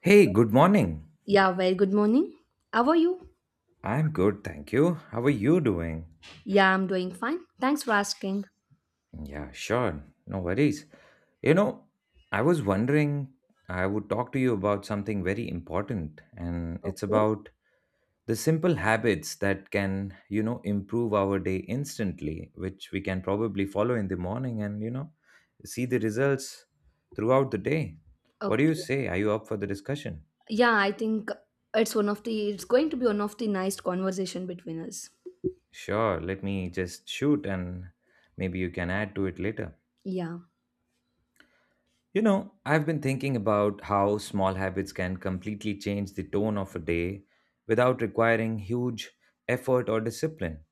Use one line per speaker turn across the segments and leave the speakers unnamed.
Hey, good morning.
Yeah, very good morning. How are you?
I'm good, thank you. How are you doing?
Yeah, I'm doing fine. Thanks for asking.
Yeah, sure. No worries. You know, I was wondering, I would talk to you about something very important, and it's
Okay.
about the simple habits that can, you know, improve our day instantly, which we can probably follow in the morning and, see the results throughout the day. What do you
Okay.
say? Are you up for the discussion?
Yeah, I think it's going to be one of the nice conversation between us.
Sure, let me just shoot and maybe you can add to it later.
Yeah.
I've been thinking about how small habits can completely change the tone of a day without requiring huge effort or discipline.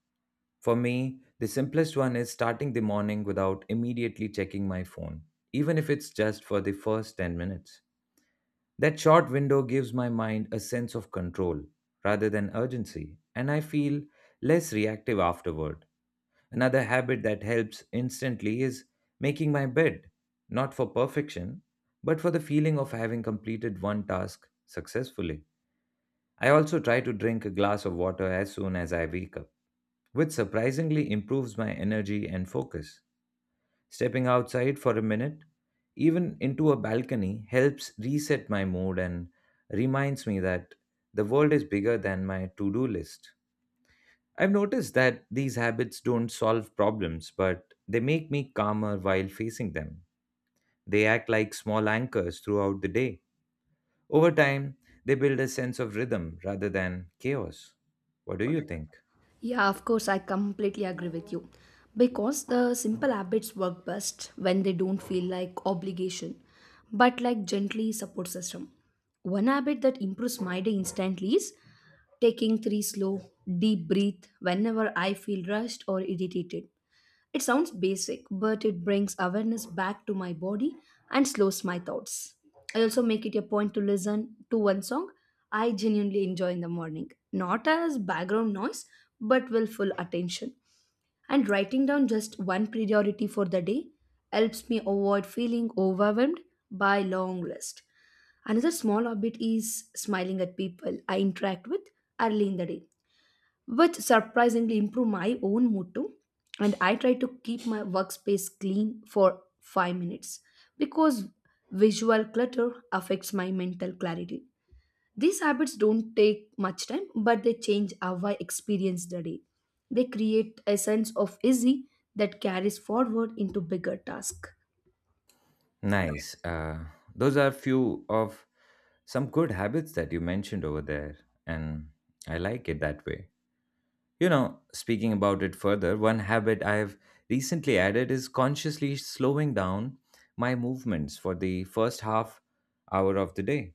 For me, the simplest one is starting the morning without immediately checking my phone, even if it's just for the first 10 minutes. That short window gives my mind a sense of control rather than urgency, and I feel less reactive afterward. Another habit that helps instantly is making my bed, not for perfection, but for the feeling of having completed one task successfully. I also try to drink a glass of water as soon as I wake up, which surprisingly improves my energy and focus. Stepping outside for a minute, even into a balcony, helps reset my mood and reminds me that the world is bigger than my to do list. I've noticed that these habits don't solve problems, but they make me calmer while facing them. They act like small anchors throughout the day. Over time, they build a sense of rhythm rather than chaos. What do you think?
Yeah, of course I completely agree with you. Because the simple habits work best when they don't feel like obligation, but like gently support system. One habit that improves my day instantly is taking three slow, deep breath whenever I feel rushed or irritated. It sounds basic, but it brings awareness back to my body and slows my thoughts. I also make it a point to listen to one song I genuinely enjoy in the morning, not as background noise, but with full attention. And writing down just one priority for the day helps me avoid feeling overwhelmed by long list. Another small habit is smiling at people I interact with early in the day, which surprisingly improve my own mood too. And I try to keep my workspace clean for 5 minutes because visual clutter affects my mental clarity. These habits don't take much time, but they change how I experience the day. They create a sense of easy that carries forward into bigger tasks.
Nice. Those are few of some good habits that you mentioned over there, and I like it that way. Speaking about it further, one habit I have recently added is consciously slowing down my movements for the first half hour of the day.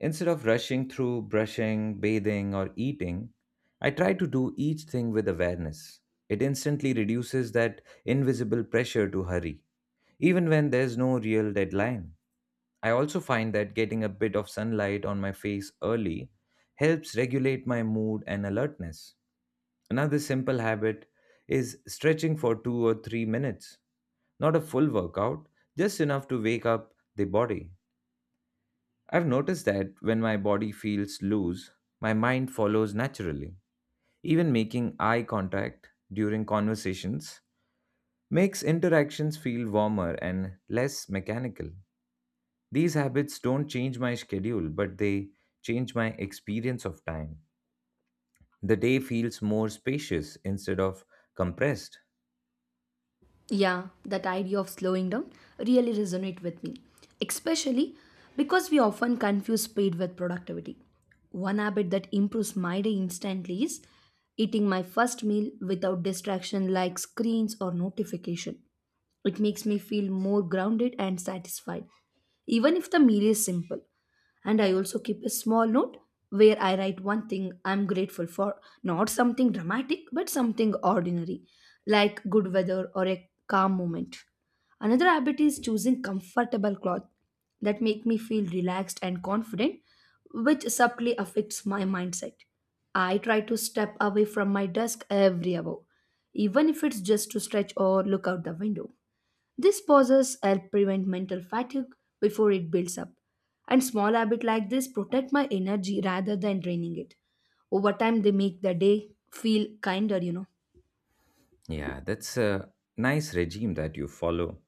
Instead of rushing through brushing, bathing, or eating, I try to do each thing with awareness. It instantly reduces that invisible pressure to hurry, even when there's no real deadline. I also find that getting a bit of sunlight on my face early helps regulate my mood and alertness. Another simple habit is stretching for 2 or 3 minutes. Not a full workout, just enough to wake up the body. I've noticed that when my body feels loose, my mind follows naturally. Even making eye contact during conversations makes interactions feel warmer and less mechanical. These habits don't change my schedule, but they change my experience of time. The day feels more spacious instead of compressed.
Yeah, that idea of slowing down really resonate with me, especially because we often confuse speed with productivity. One habit that improves my day instantly is eating my first meal without distraction like screens or notification. It makes me feel more grounded and satisfied, even if the meal is simple. And I also keep a small note where I write one thing I'm grateful for, not something dramatic, but something ordinary, like good weather or a calm moment. Another habit is choosing comfortable clothes that make me feel relaxed and confident, which subtly affects my mindset. I try to step away from my desk every hour, even if it's just to stretch or look out the window. These pauses help prevent mental fatigue before it builds up. And small habits like this protect my energy rather than draining it, Over time, they make the day feel kinder, you know.
Yeah, that's a nice regime that you follow.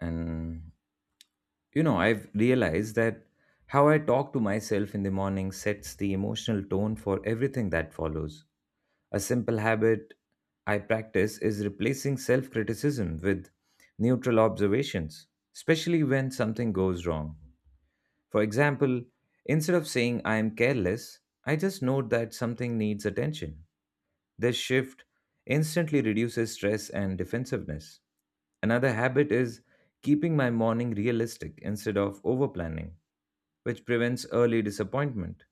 And I've realized that how I talk to myself in the morning sets the emotional tone for everything that follows. A simple habit I practice is replacing self criticism with neutral observations, especially when something goes wrong. For example, instead of saying I am careless, I just note that something needs attention. This shift instantly reduces stress and defensiveness. Another habit is keeping my morning realistic instead of over planning, which prevents early disappointment.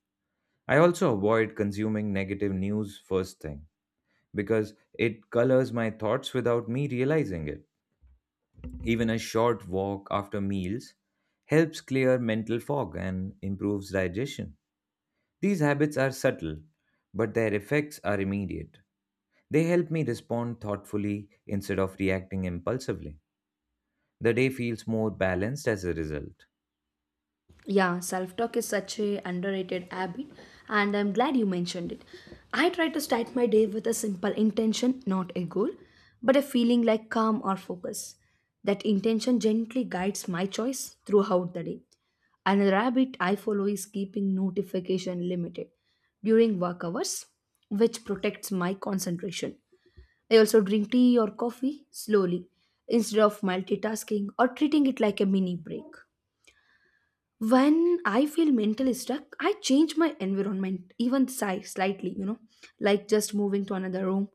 I also avoid consuming negative news first thing because it colors my thoughts without me realizing it. Even a short walk after meals helps clear mental fog and improves digestion. These habits are subtle, but their effects are immediate. They help me respond thoughtfully instead of reacting impulsively. The day feels more balanced as a result.
Yeah, self talk is such a underrated habit, and I'm glad you mentioned it. I try to start my day with a simple intention, not a goal, but a feeling like calm or focus. That intention gently guides my choice throughout the day. Another habit I follow is keeping notification limited during work hours, which protects my concentration. I also drink tea or coffee slowly instead of multitasking or treating it like a mini break. When I feel mentally stuck, I change my environment, even size slightly, like just moving to another room.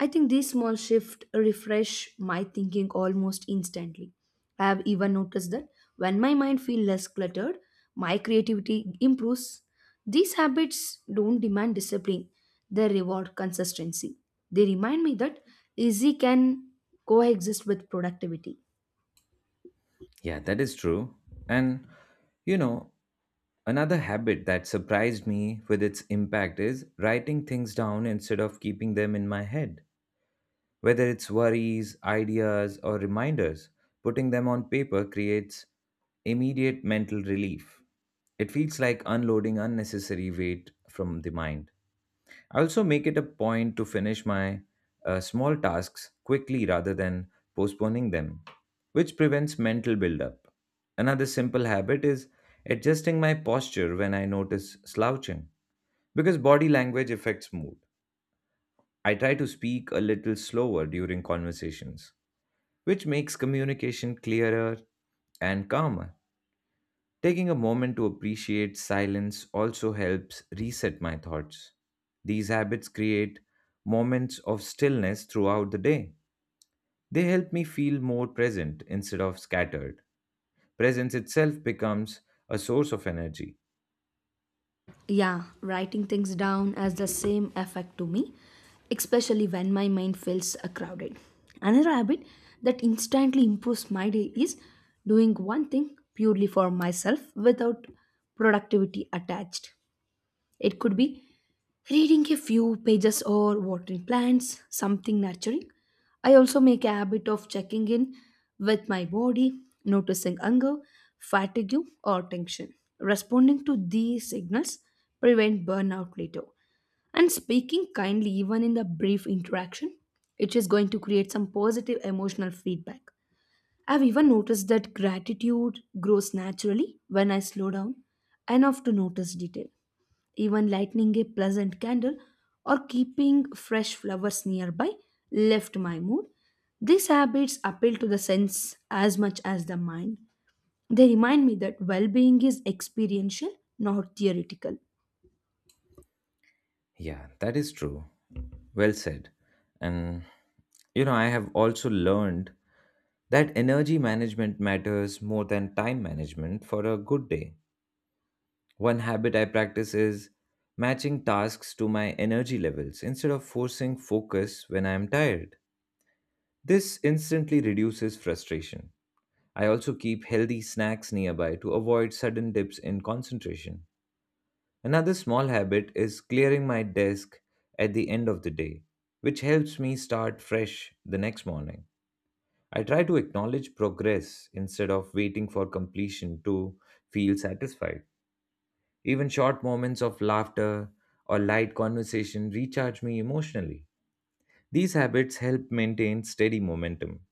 I think this small shift refresh my thinking almost instantly. I have even noticed that when my mind feels less cluttered, my creativity improves. These habits don't demand discipline, they reward consistency. They remind me that easy can coexist with productivity.
Yeah, that is true. And you know, another habit that surprised me with its impact is writing things down instead of keeping them in my head. Whether it's worries, ideas, or reminders, putting them on paper creates immediate mental relief. It feels like unloading unnecessary weight from the mind. I also make it a point to finish my small tasks quickly rather than postponing them, which prevents mental buildup. Another simple habit is adjusting my posture when I notice slouching, because body language affects mood. I try to speak a little slower during conversations, which makes communication clearer and calmer. Taking a moment to appreciate silence also helps reset my thoughts. These habits create moments of stillness throughout the day. They help me feel more present instead of scattered. Presence itself becomes a source of energy.
Yeah, writing things down has the same effect to me, especially when my mind feels crowded. Another habit that instantly improves my day is doing one thing purely for myself without productivity attached. It could be reading a few pages or watering plants, something nurturing. I also make a habit of checking in with my body, noticing anger, fatigue, or tension. Responding to these signals prevent burnout later. And speaking kindly, even in the brief interaction, it is going to create some positive emotional feedback. I've even noticed that gratitude grows naturally when I slow down enough to notice detail. Even lighting a pleasant candle or keeping fresh flowers nearby lift my mood. These habits appeal to the sense as much as the mind. They remind me that well being is experiential, not theoretical.
Yeah, that is true. Well said. And I have also learned that energy management matters more than time management for a good day. One habit I practice is matching tasks to my energy levels instead of forcing focus when I am tired. This instantly reduces frustration. I also keep healthy snacks nearby to avoid sudden dips in concentration. Another small habit is clearing my desk at the end of the day, which helps me start fresh the next morning. I try to acknowledge progress instead of waiting for completion to feel satisfied. Even short moments of laughter or light conversation recharge me emotionally. These habits help maintain steady momentum.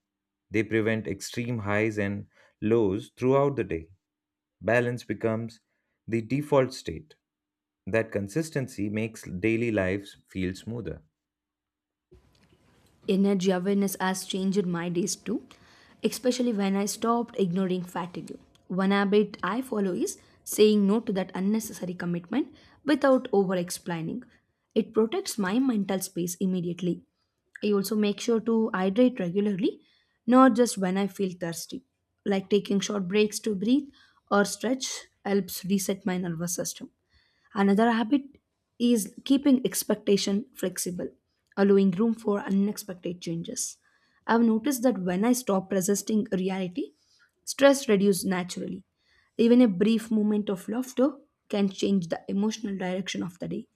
They prevent extreme highs and lows throughout the day. Balance becomes the default state. That consistency makes daily lives feel smoother.
Energy awareness has changed my days too, especially when I stopped ignoring fatigue. One habit I follow is saying no to that unnecessary commitment without over explaining. It protects my mental space immediately. I also make sure to hydrate regularly, not just when I feel thirsty. Like taking short breaks to breathe or stretch helps reset my nervous system. Another habit is keeping expectation flexible, allowing room for unexpected changes. I've noticed that when I stop resisting reality, stress reduces naturally. Even a brief moment of laughter can change the emotional direction of the day.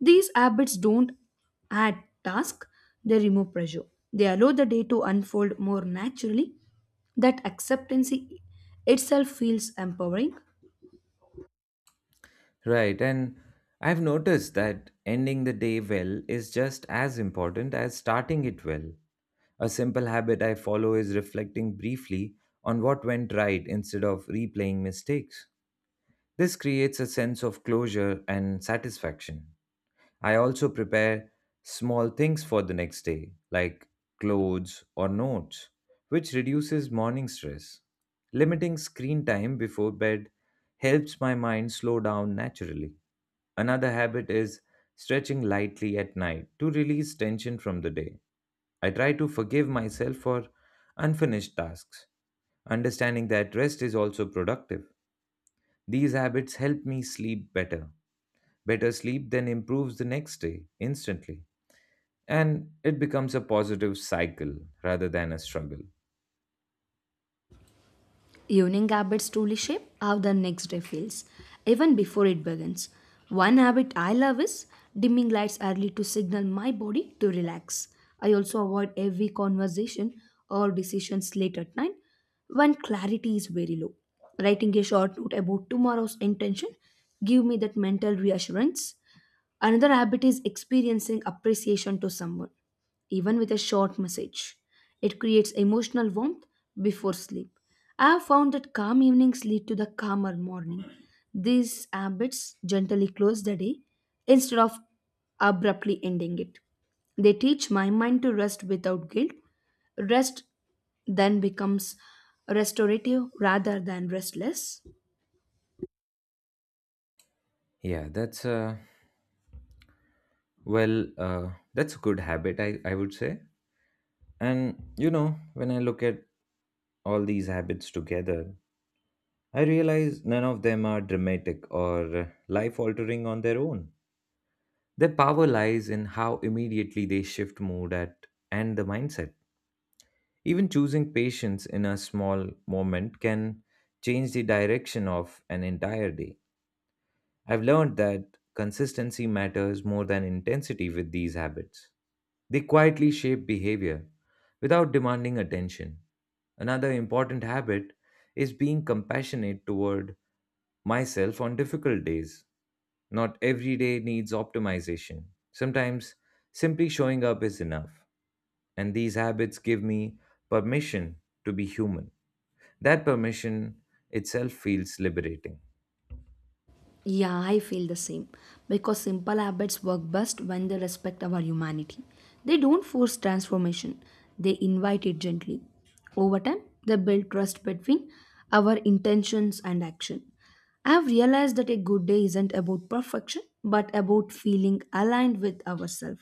These habits don't add task, they remove pressure. They allow the day to unfold more naturally. That acceptancy itself feels empowering.
Right. And I've noticed that ending the day well is just as important as starting it well. A simple habit I follow is reflecting briefly on what went right instead of replaying mistakes. This creates a sense of closure and satisfaction. I also prepare small things for the next day, like clothes or notes, which reduces morning stress. Limiting screen time before bed helps my mind slow down naturally. Another habit is stretching lightly at night to release tension from the day. I try to forgive myself for unfinished tasks, understanding that rest is also productive. These habits help me sleep better. Better sleep then improves the next day instantly. And it becomes a positive cycle rather than a struggle.
Evening habits truly shape how the next day feels, even before it begins. One habit I love is dimming lights early to signal my body to relax. I also avoid every conversation or decisions late at night when clarity is very low. Writing a short note about tomorrow's intention give me that mental reassurance. Another habit is experiencing appreciation to someone, even with a short message. It creates emotional warmth before sleep. I have found that calm evenings lead to the calmer morning. These habits gently close the day instead of abruptly ending it. They teach my mind to rest without guilt. Rest then becomes restorative rather than restless.
Yeah, that's a well, that's a good habit, I would say. And when I look at all these habits together, I realize none of them are dramatic or life altering on their own. Their power lies in how immediately they shift mood at and the mindset. Even choosing patience in a small moment can change the direction of an entire day. I've learned that consistency matters more than intensity with these habits. They quietly shape behavior without demanding attention. Another important habit is being compassionate toward myself on difficult days. Not every day needs optimization. Sometimes simply showing up is enough. And these habits give me permission to be human. That permission itself feels liberating.
Yeah, I feel the same. Because simple habits work best when they respect our humanity. They don't force transformation, they invite it gently. Over time, they build trust between our intentions and action. I've realized that a good day isn't about perfection, but about feeling aligned with ourselves.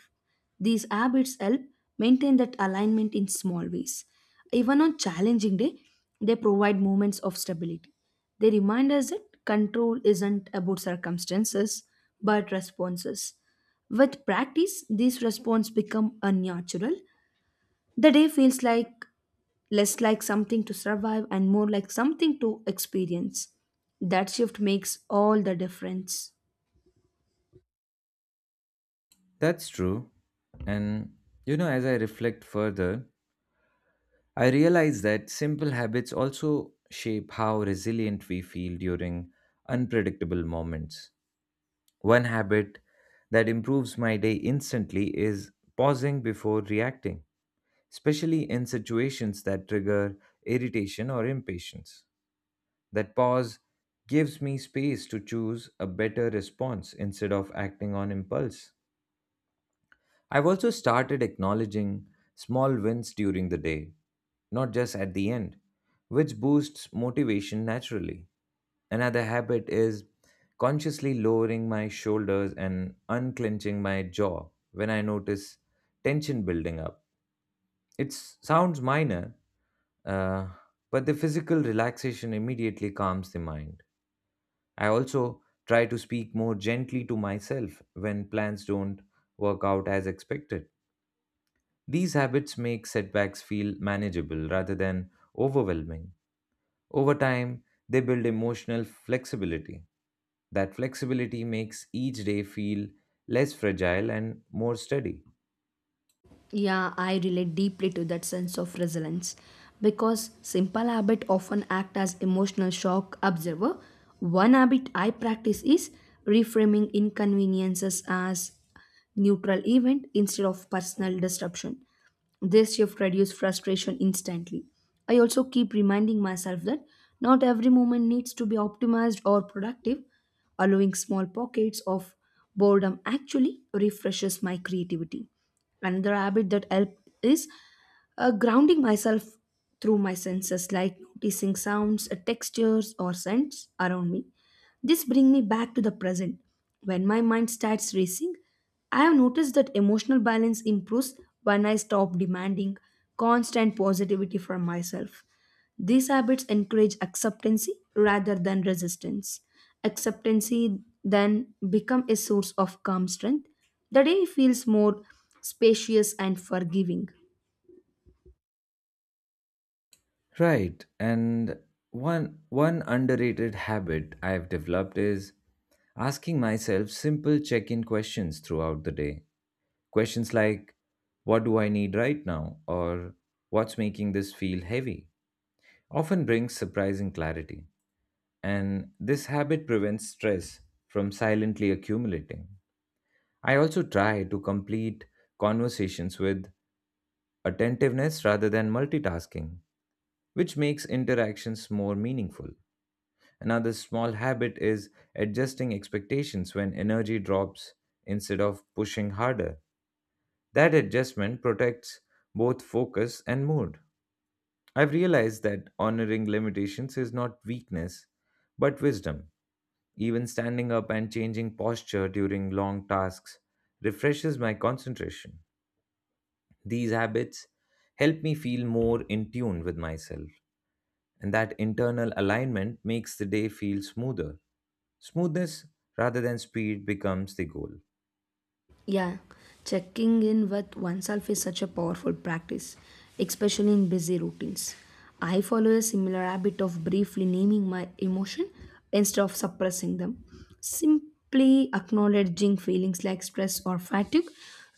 These habits help maintain that alignment in small ways. Even on challenging day, they provide moments of stability. They remind us that control isn't about circumstances, but responses. With practice, these responses become unnatural. The day feels like less like something to survive and more like something to experience. That shift makes all the difference.
That's true. And as I reflect further, I realize that simple habits also shape how resilient we feel during unpredictable moments. One habit that improves my day instantly is pausing before reacting, especially in situations that trigger irritation or impatience. That pause gives me space to choose a better response instead of acting on impulse. I've also started acknowledging small wins during the day, not just at the end, which boosts motivation naturally. Another habit is consciously lowering my shoulders and unclenching my jaw when I notice tension building up. It sounds minor, uh, but the physical relaxation immediately calms the mind. I also try to speak more gently to myself when plans don't work out as expected these habits make setbacks feel manageable rather than overwhelming. Over time, they build emotional flexibility. That flexibility makes each day feel less fragile and more steady.
Yeah, I relate deeply to that sense of resilience because simple habit often act as emotional shock observer. One habit I practice is reframing inconveniences as neutral event instead of personal disruption. This shift reduces frustration instantly. I also keep reminding myself that not every moment needs to be optimized or productive. Allowing small pockets of boredom actually refreshes my creativity. Another habit that help is grounding myself through my senses, like noticing sounds, textures or scents around me. This brings me back to the present when my mind starts racing. I have noticed that emotional balance improves when I stop demanding constant positivity from myself. These habits encourage acceptancy rather than resistance. Acceptancy then become a source of calm strength. The day feels more spacious and forgiving.
Right. And one underrated habit I've developed is asking myself simple check-in questions throughout the day. Questions like what do I need right now or what's making this feel heavy often brings surprising clarity. And this habit prevents stress from silently accumulating. I also try to complete conversations with attentiveness rather than multitasking, which makes interactions more meaningful. Another small habit is adjusting expectations when energy drops instead of pushing harder. That adjustment protects both focus and mood. I've realized that honoring limitations is not weakness, but wisdom. Even standing up and changing posture during long tasks refreshes my concentration. These habits help me feel more in tune with myself, and that internal alignment makes the day feel smoother. Smoothness rather than speed becomes the goal.
Yeah, checking in with oneself is such a powerful practice, especially in busy routines. I follow a similar habit of briefly naming my emotion instead of suppressing them. Simply acknowledging feelings like stress or fatigue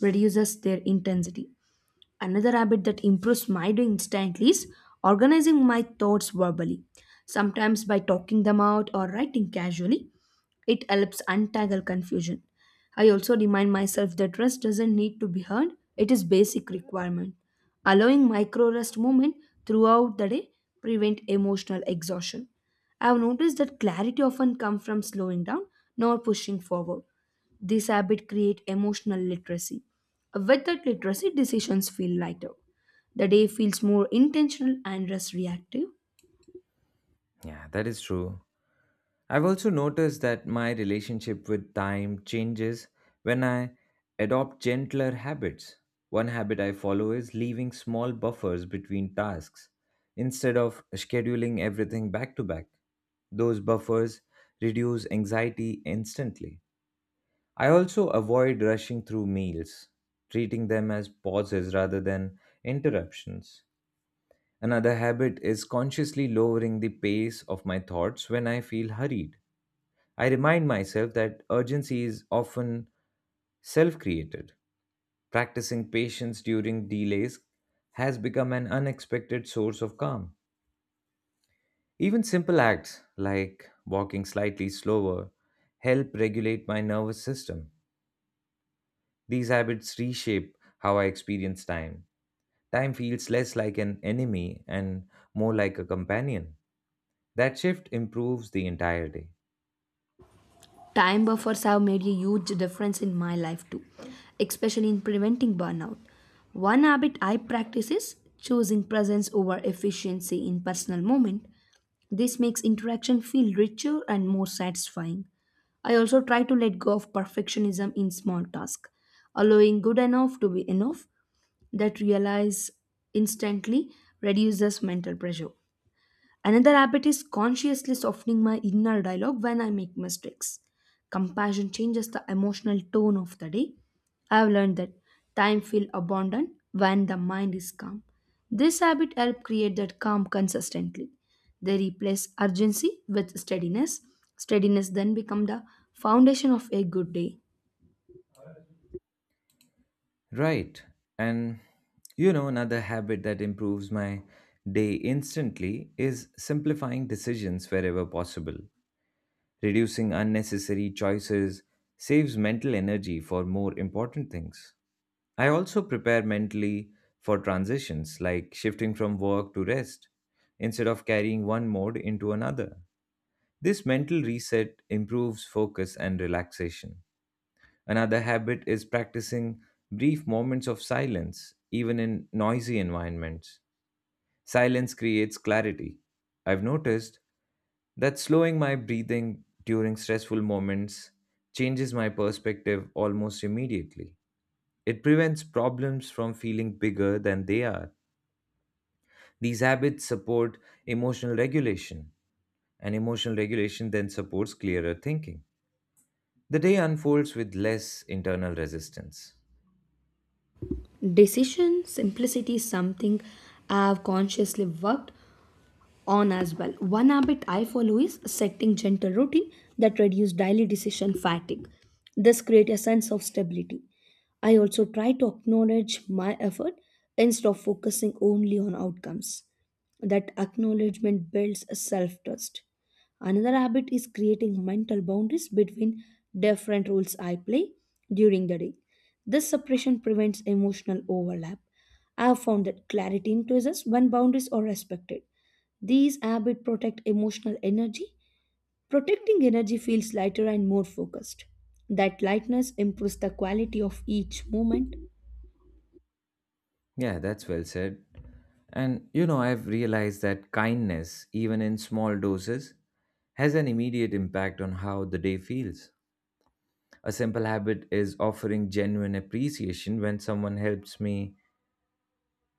reduces their intensity. Another habit that improves my day instantly is organizing my thoughts verbally, sometimes by talking them out or writing casually. It helps untangle confusion. I also remind myself that rest doesn't need to be earned, it is basic requirement. Allowing micro rest movement throughout the day prevent emotional exhaustion. I have noticed that clarity often comes from slowing down, not pushing forward. This habit create emotional literacy. With that literacy, decisions feel lighter. The day feels more intentional and less reactive.
Yeah, that is true. I've also noticed that my relationship with time changes when I adopt gentler habits. One habit I follow is leaving small buffers between tasks instead of scheduling everything back to back. Those buffers reduce anxiety instantly. I also avoid rushing through meals, treating them as pauses rather than interruptions. Another habit is consciously lowering the pace of my thoughts when I feel hurried. I remind myself that urgency is often self created. Practicing patience during delays has become an unexpected source of calm. Even simple acts like walking slightly slower help regulate my nervous system. These habits reshape how I experience time. Time feels less like an enemy and more like a companion. That shift improves the entire day.
Time buffers have made a huge difference in my life too, especially in preventing burnout. One habit I practice is choosing presence over efficiency in personal moment. This makes interaction feel richer and more satisfying. I also try to let go of perfectionism in small tasks, allowing good enough to be enough. That realize instantly reduces mental pressure. Another habit is consciously softening my inner dialogue when I make mistakes. Compassion changes the emotional tone of the day. I have learned that time feels abundant when the mind is calm. This habit helps create that calm consistently. They replace urgency with steadiness. Steadiness then becomes the foundation of a good day.
Right. And another habit that improves my day instantly is simplifying decisions wherever possible. Reducing unnecessary choices saves mental energy for more important things. I also prepare mentally for transitions like shifting from work to rest instead of carrying one mode into another. This mental reset improves focus and relaxation. Another habit is practicing brief moments of silence, even in noisy environments. Silence creates clarity. I've noticed that slowing my breathing during stressful moments changes my perspective almost immediately. It prevents problems from feeling bigger than they are. These habits support emotional regulation, and emotional regulation then supports clearer thinking. The day unfolds with less internal resistance.
Decision simplicity is something I have consciously worked on as well. One habit I follow is setting gentle routine that reduce daily decision fatigue. This create a sense of stability. I also try to acknowledge my effort instead of focusing only on outcomes. That acknowledgement builds a self-trust. Another habit is creating mental boundaries between different roles I play during the day. This separation prevents emotional overlap. I have found that clarity increases when boundaries are respected. These habits protect emotional energy. Protecting energy feels lighter and more focused. That lightness improves the quality of each moment.
Yeah, that's well said. And I've realized that kindness, even in small doses, has an immediate impact on how the day feels. A simple habit is offering genuine appreciation when someone helps me,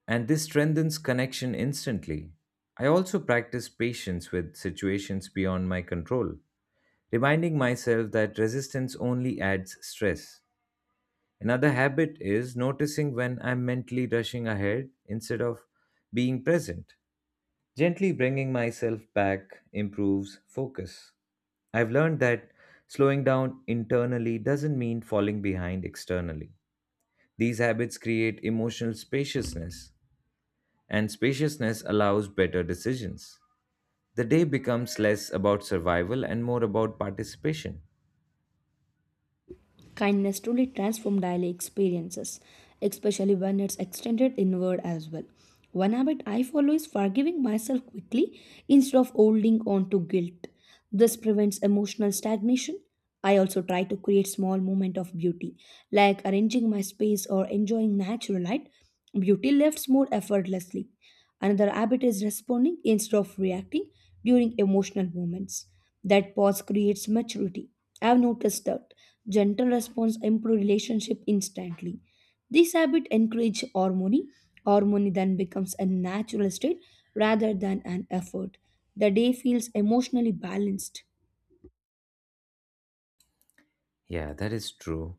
and this strengthens connection instantly. I also practice patience with situations beyond my control, reminding myself that resistance only adds stress. Another habit is noticing when I'm mentally rushing ahead instead of being present. Gently bringing myself back improves focus. I've learned that slowing down internally doesn't mean falling behind externally. These habits create emotional spaciousness, and spaciousness allows better decisions. The day becomes less about survival and more about participation.
Kindness truly transforms daily experiences, especially when it's extended inward as well. One habit I follow is forgiving myself quickly instead of holding on to guilt. This prevents emotional stagnation. I also try to create small moments of beauty, like arranging my space or enjoying natural light. Beauty lifts more effortlessly. Another habit is responding instead of reacting during emotional moments. That pause creates maturity. I've noticed that gentle response improve relationship instantly. This habit encourage harmony. Harmony then becomes a natural state rather than an effort. The day feels emotionally balanced.
Yeah, that is true.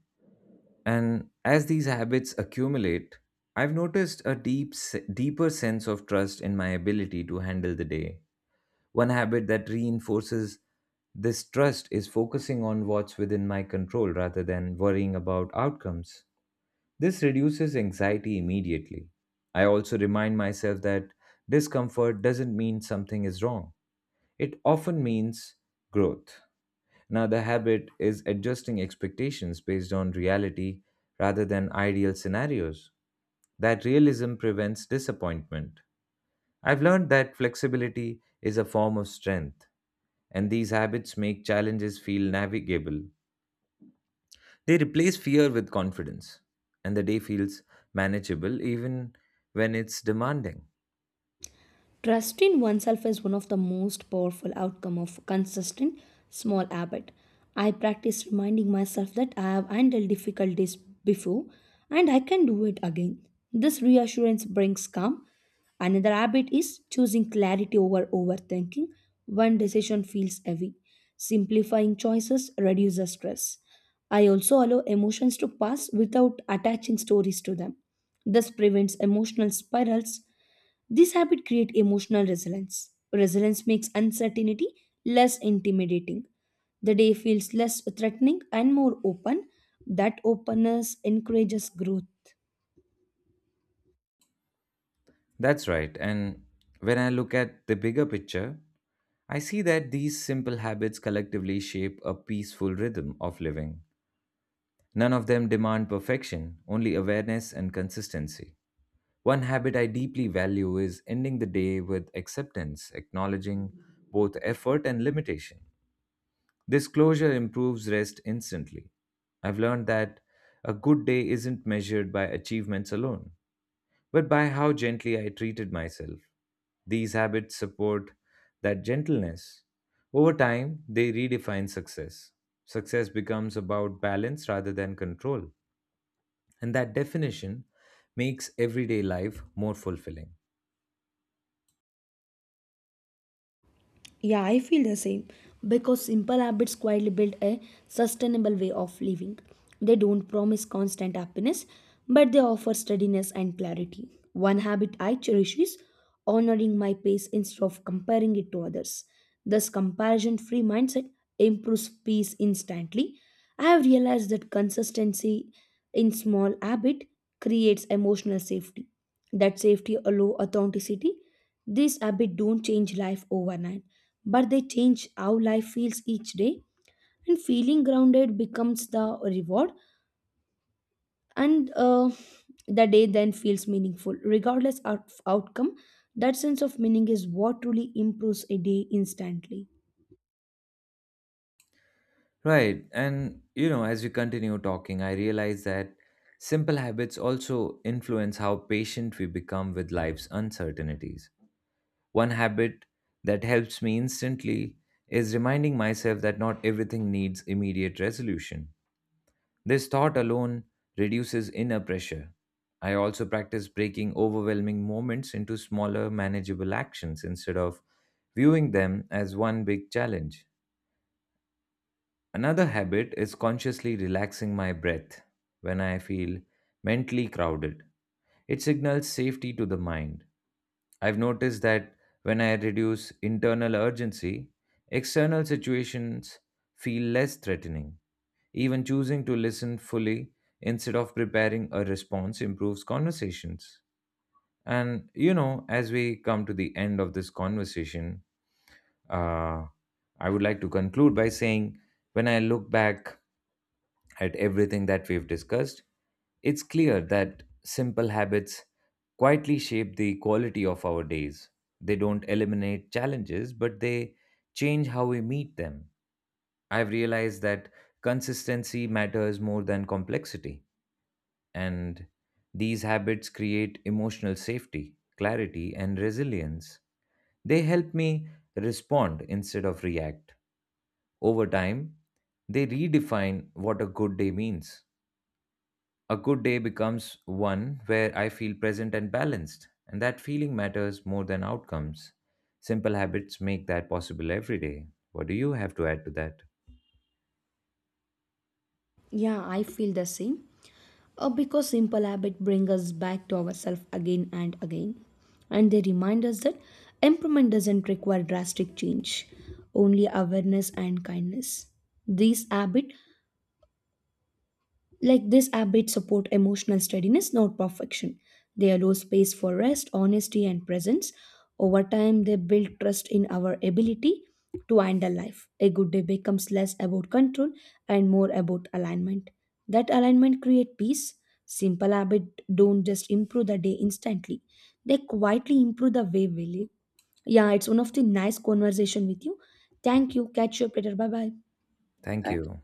And as these habits accumulate, I've noticed a deep, deeper sense of trust in my ability to handle the day. One habit that reinforces this trust is focusing on what's within my control rather than worrying about outcomes. This reduces anxiety immediately. I also remind myself that discomfort doesn't mean something is wrong, it often means growth. Another habit is adjusting expectations based on reality rather than ideal scenarios. That realism prevents disappointment. I've learned that flexibility is a form of strength, and these habits make challenges feel navigable. They replace fear with confidence, and the day feels manageable even when it's demanding.
Trust in oneself is one of the most powerful outcome of consistent small habit. I practice reminding myself that I have handled difficulties before and I can do it again. This reassurance brings calm. Another habit is choosing clarity over overthinking when decision feels heavy. Simplifying choices reduces stress. I also allow emotions to pass without attaching stories to them. This prevents emotional spirals. This habit creates emotional resilience. Resilience makes uncertainty less intimidating. The day feels less threatening and more open. That openness encourages growth.
That's right. And when I look at the bigger picture, I see that these simple habits collectively shape a peaceful rhythm of living. None of them demand perfection, only awareness and consistency. One habit I deeply value is ending the day with acceptance, acknowledging both effort and limitation. This closure improves rest instantly. I've learned that a good day isn't measured by achievements alone, but by how gently I treated myself. These habits support that gentleness. Over time, they redefine success. Success becomes about balance rather than control, and that definition makes everyday life more fulfilling.
Yeah, I feel the same because simple habits quietly build a sustainable way of living. They don't promise constant happiness, but they offer steadiness and clarity. One habit I cherish is honoring my pace instead of comparing it to others. This comparison free mindset improves peace instantly. I have realized that consistency in small habit creates emotional safety. That safety allows authenticity. These habits don't change life overnight, but they change how life feels each day. And feeling grounded becomes the reward, and the day then feels meaningful. Regardless of outcome, that sense of meaning is what truly improves a day instantly.
Right. And, as we continue talking, I realize that simple habits also influence how patient we become with life's uncertainties. One habit that helps me instantly is reminding myself that not everything needs immediate resolution. This thought alone reduces inner pressure. I also practice breaking overwhelming moments into smaller, manageable actions instead of viewing them as one big challenge. Another habit is consciously relaxing my breath when I feel mentally crowded. It signals safety to the mind. I've noticed that when I reduce internal urgency, external situations feel less threatening. Even choosing to listen fully instead of preparing a response improves conversations. And, as we come to the end of this conversation, uh, I would like to conclude by saying, when I look back at everything that we've discussed, it's clear that simple habits quietly shape the quality of our days. They don't eliminate challenges, but they change how we meet them. I've realized that consistency matters more than complexity, and these habits create emotional safety, clarity, and resilience. They help me respond instead of react. Over time, they redefine what a good day means. A good day becomes one where I feel present and balanced, and that feeling matters more than outcomes. Simple habits make that possible every day. What do you have to add to that?
Yeah, I feel the same. Because simple habit bring us back to ourselves again and again. And they remind us that improvement doesn't require drastic change, only awareness and kindness. These habit like this habit support emotional steadiness, not perfection. They allow space for rest, honesty, and presence. Over time, they build trust in our ability to handle life. A good day becomes less about control and more about alignment. That alignment creates peace. Simple habits don't just improve the day instantly; they quietly improve the way we live. Yeah, it's one of the nice conversation with you. Thank you. Catch you up later. Bye bye.
Thank you.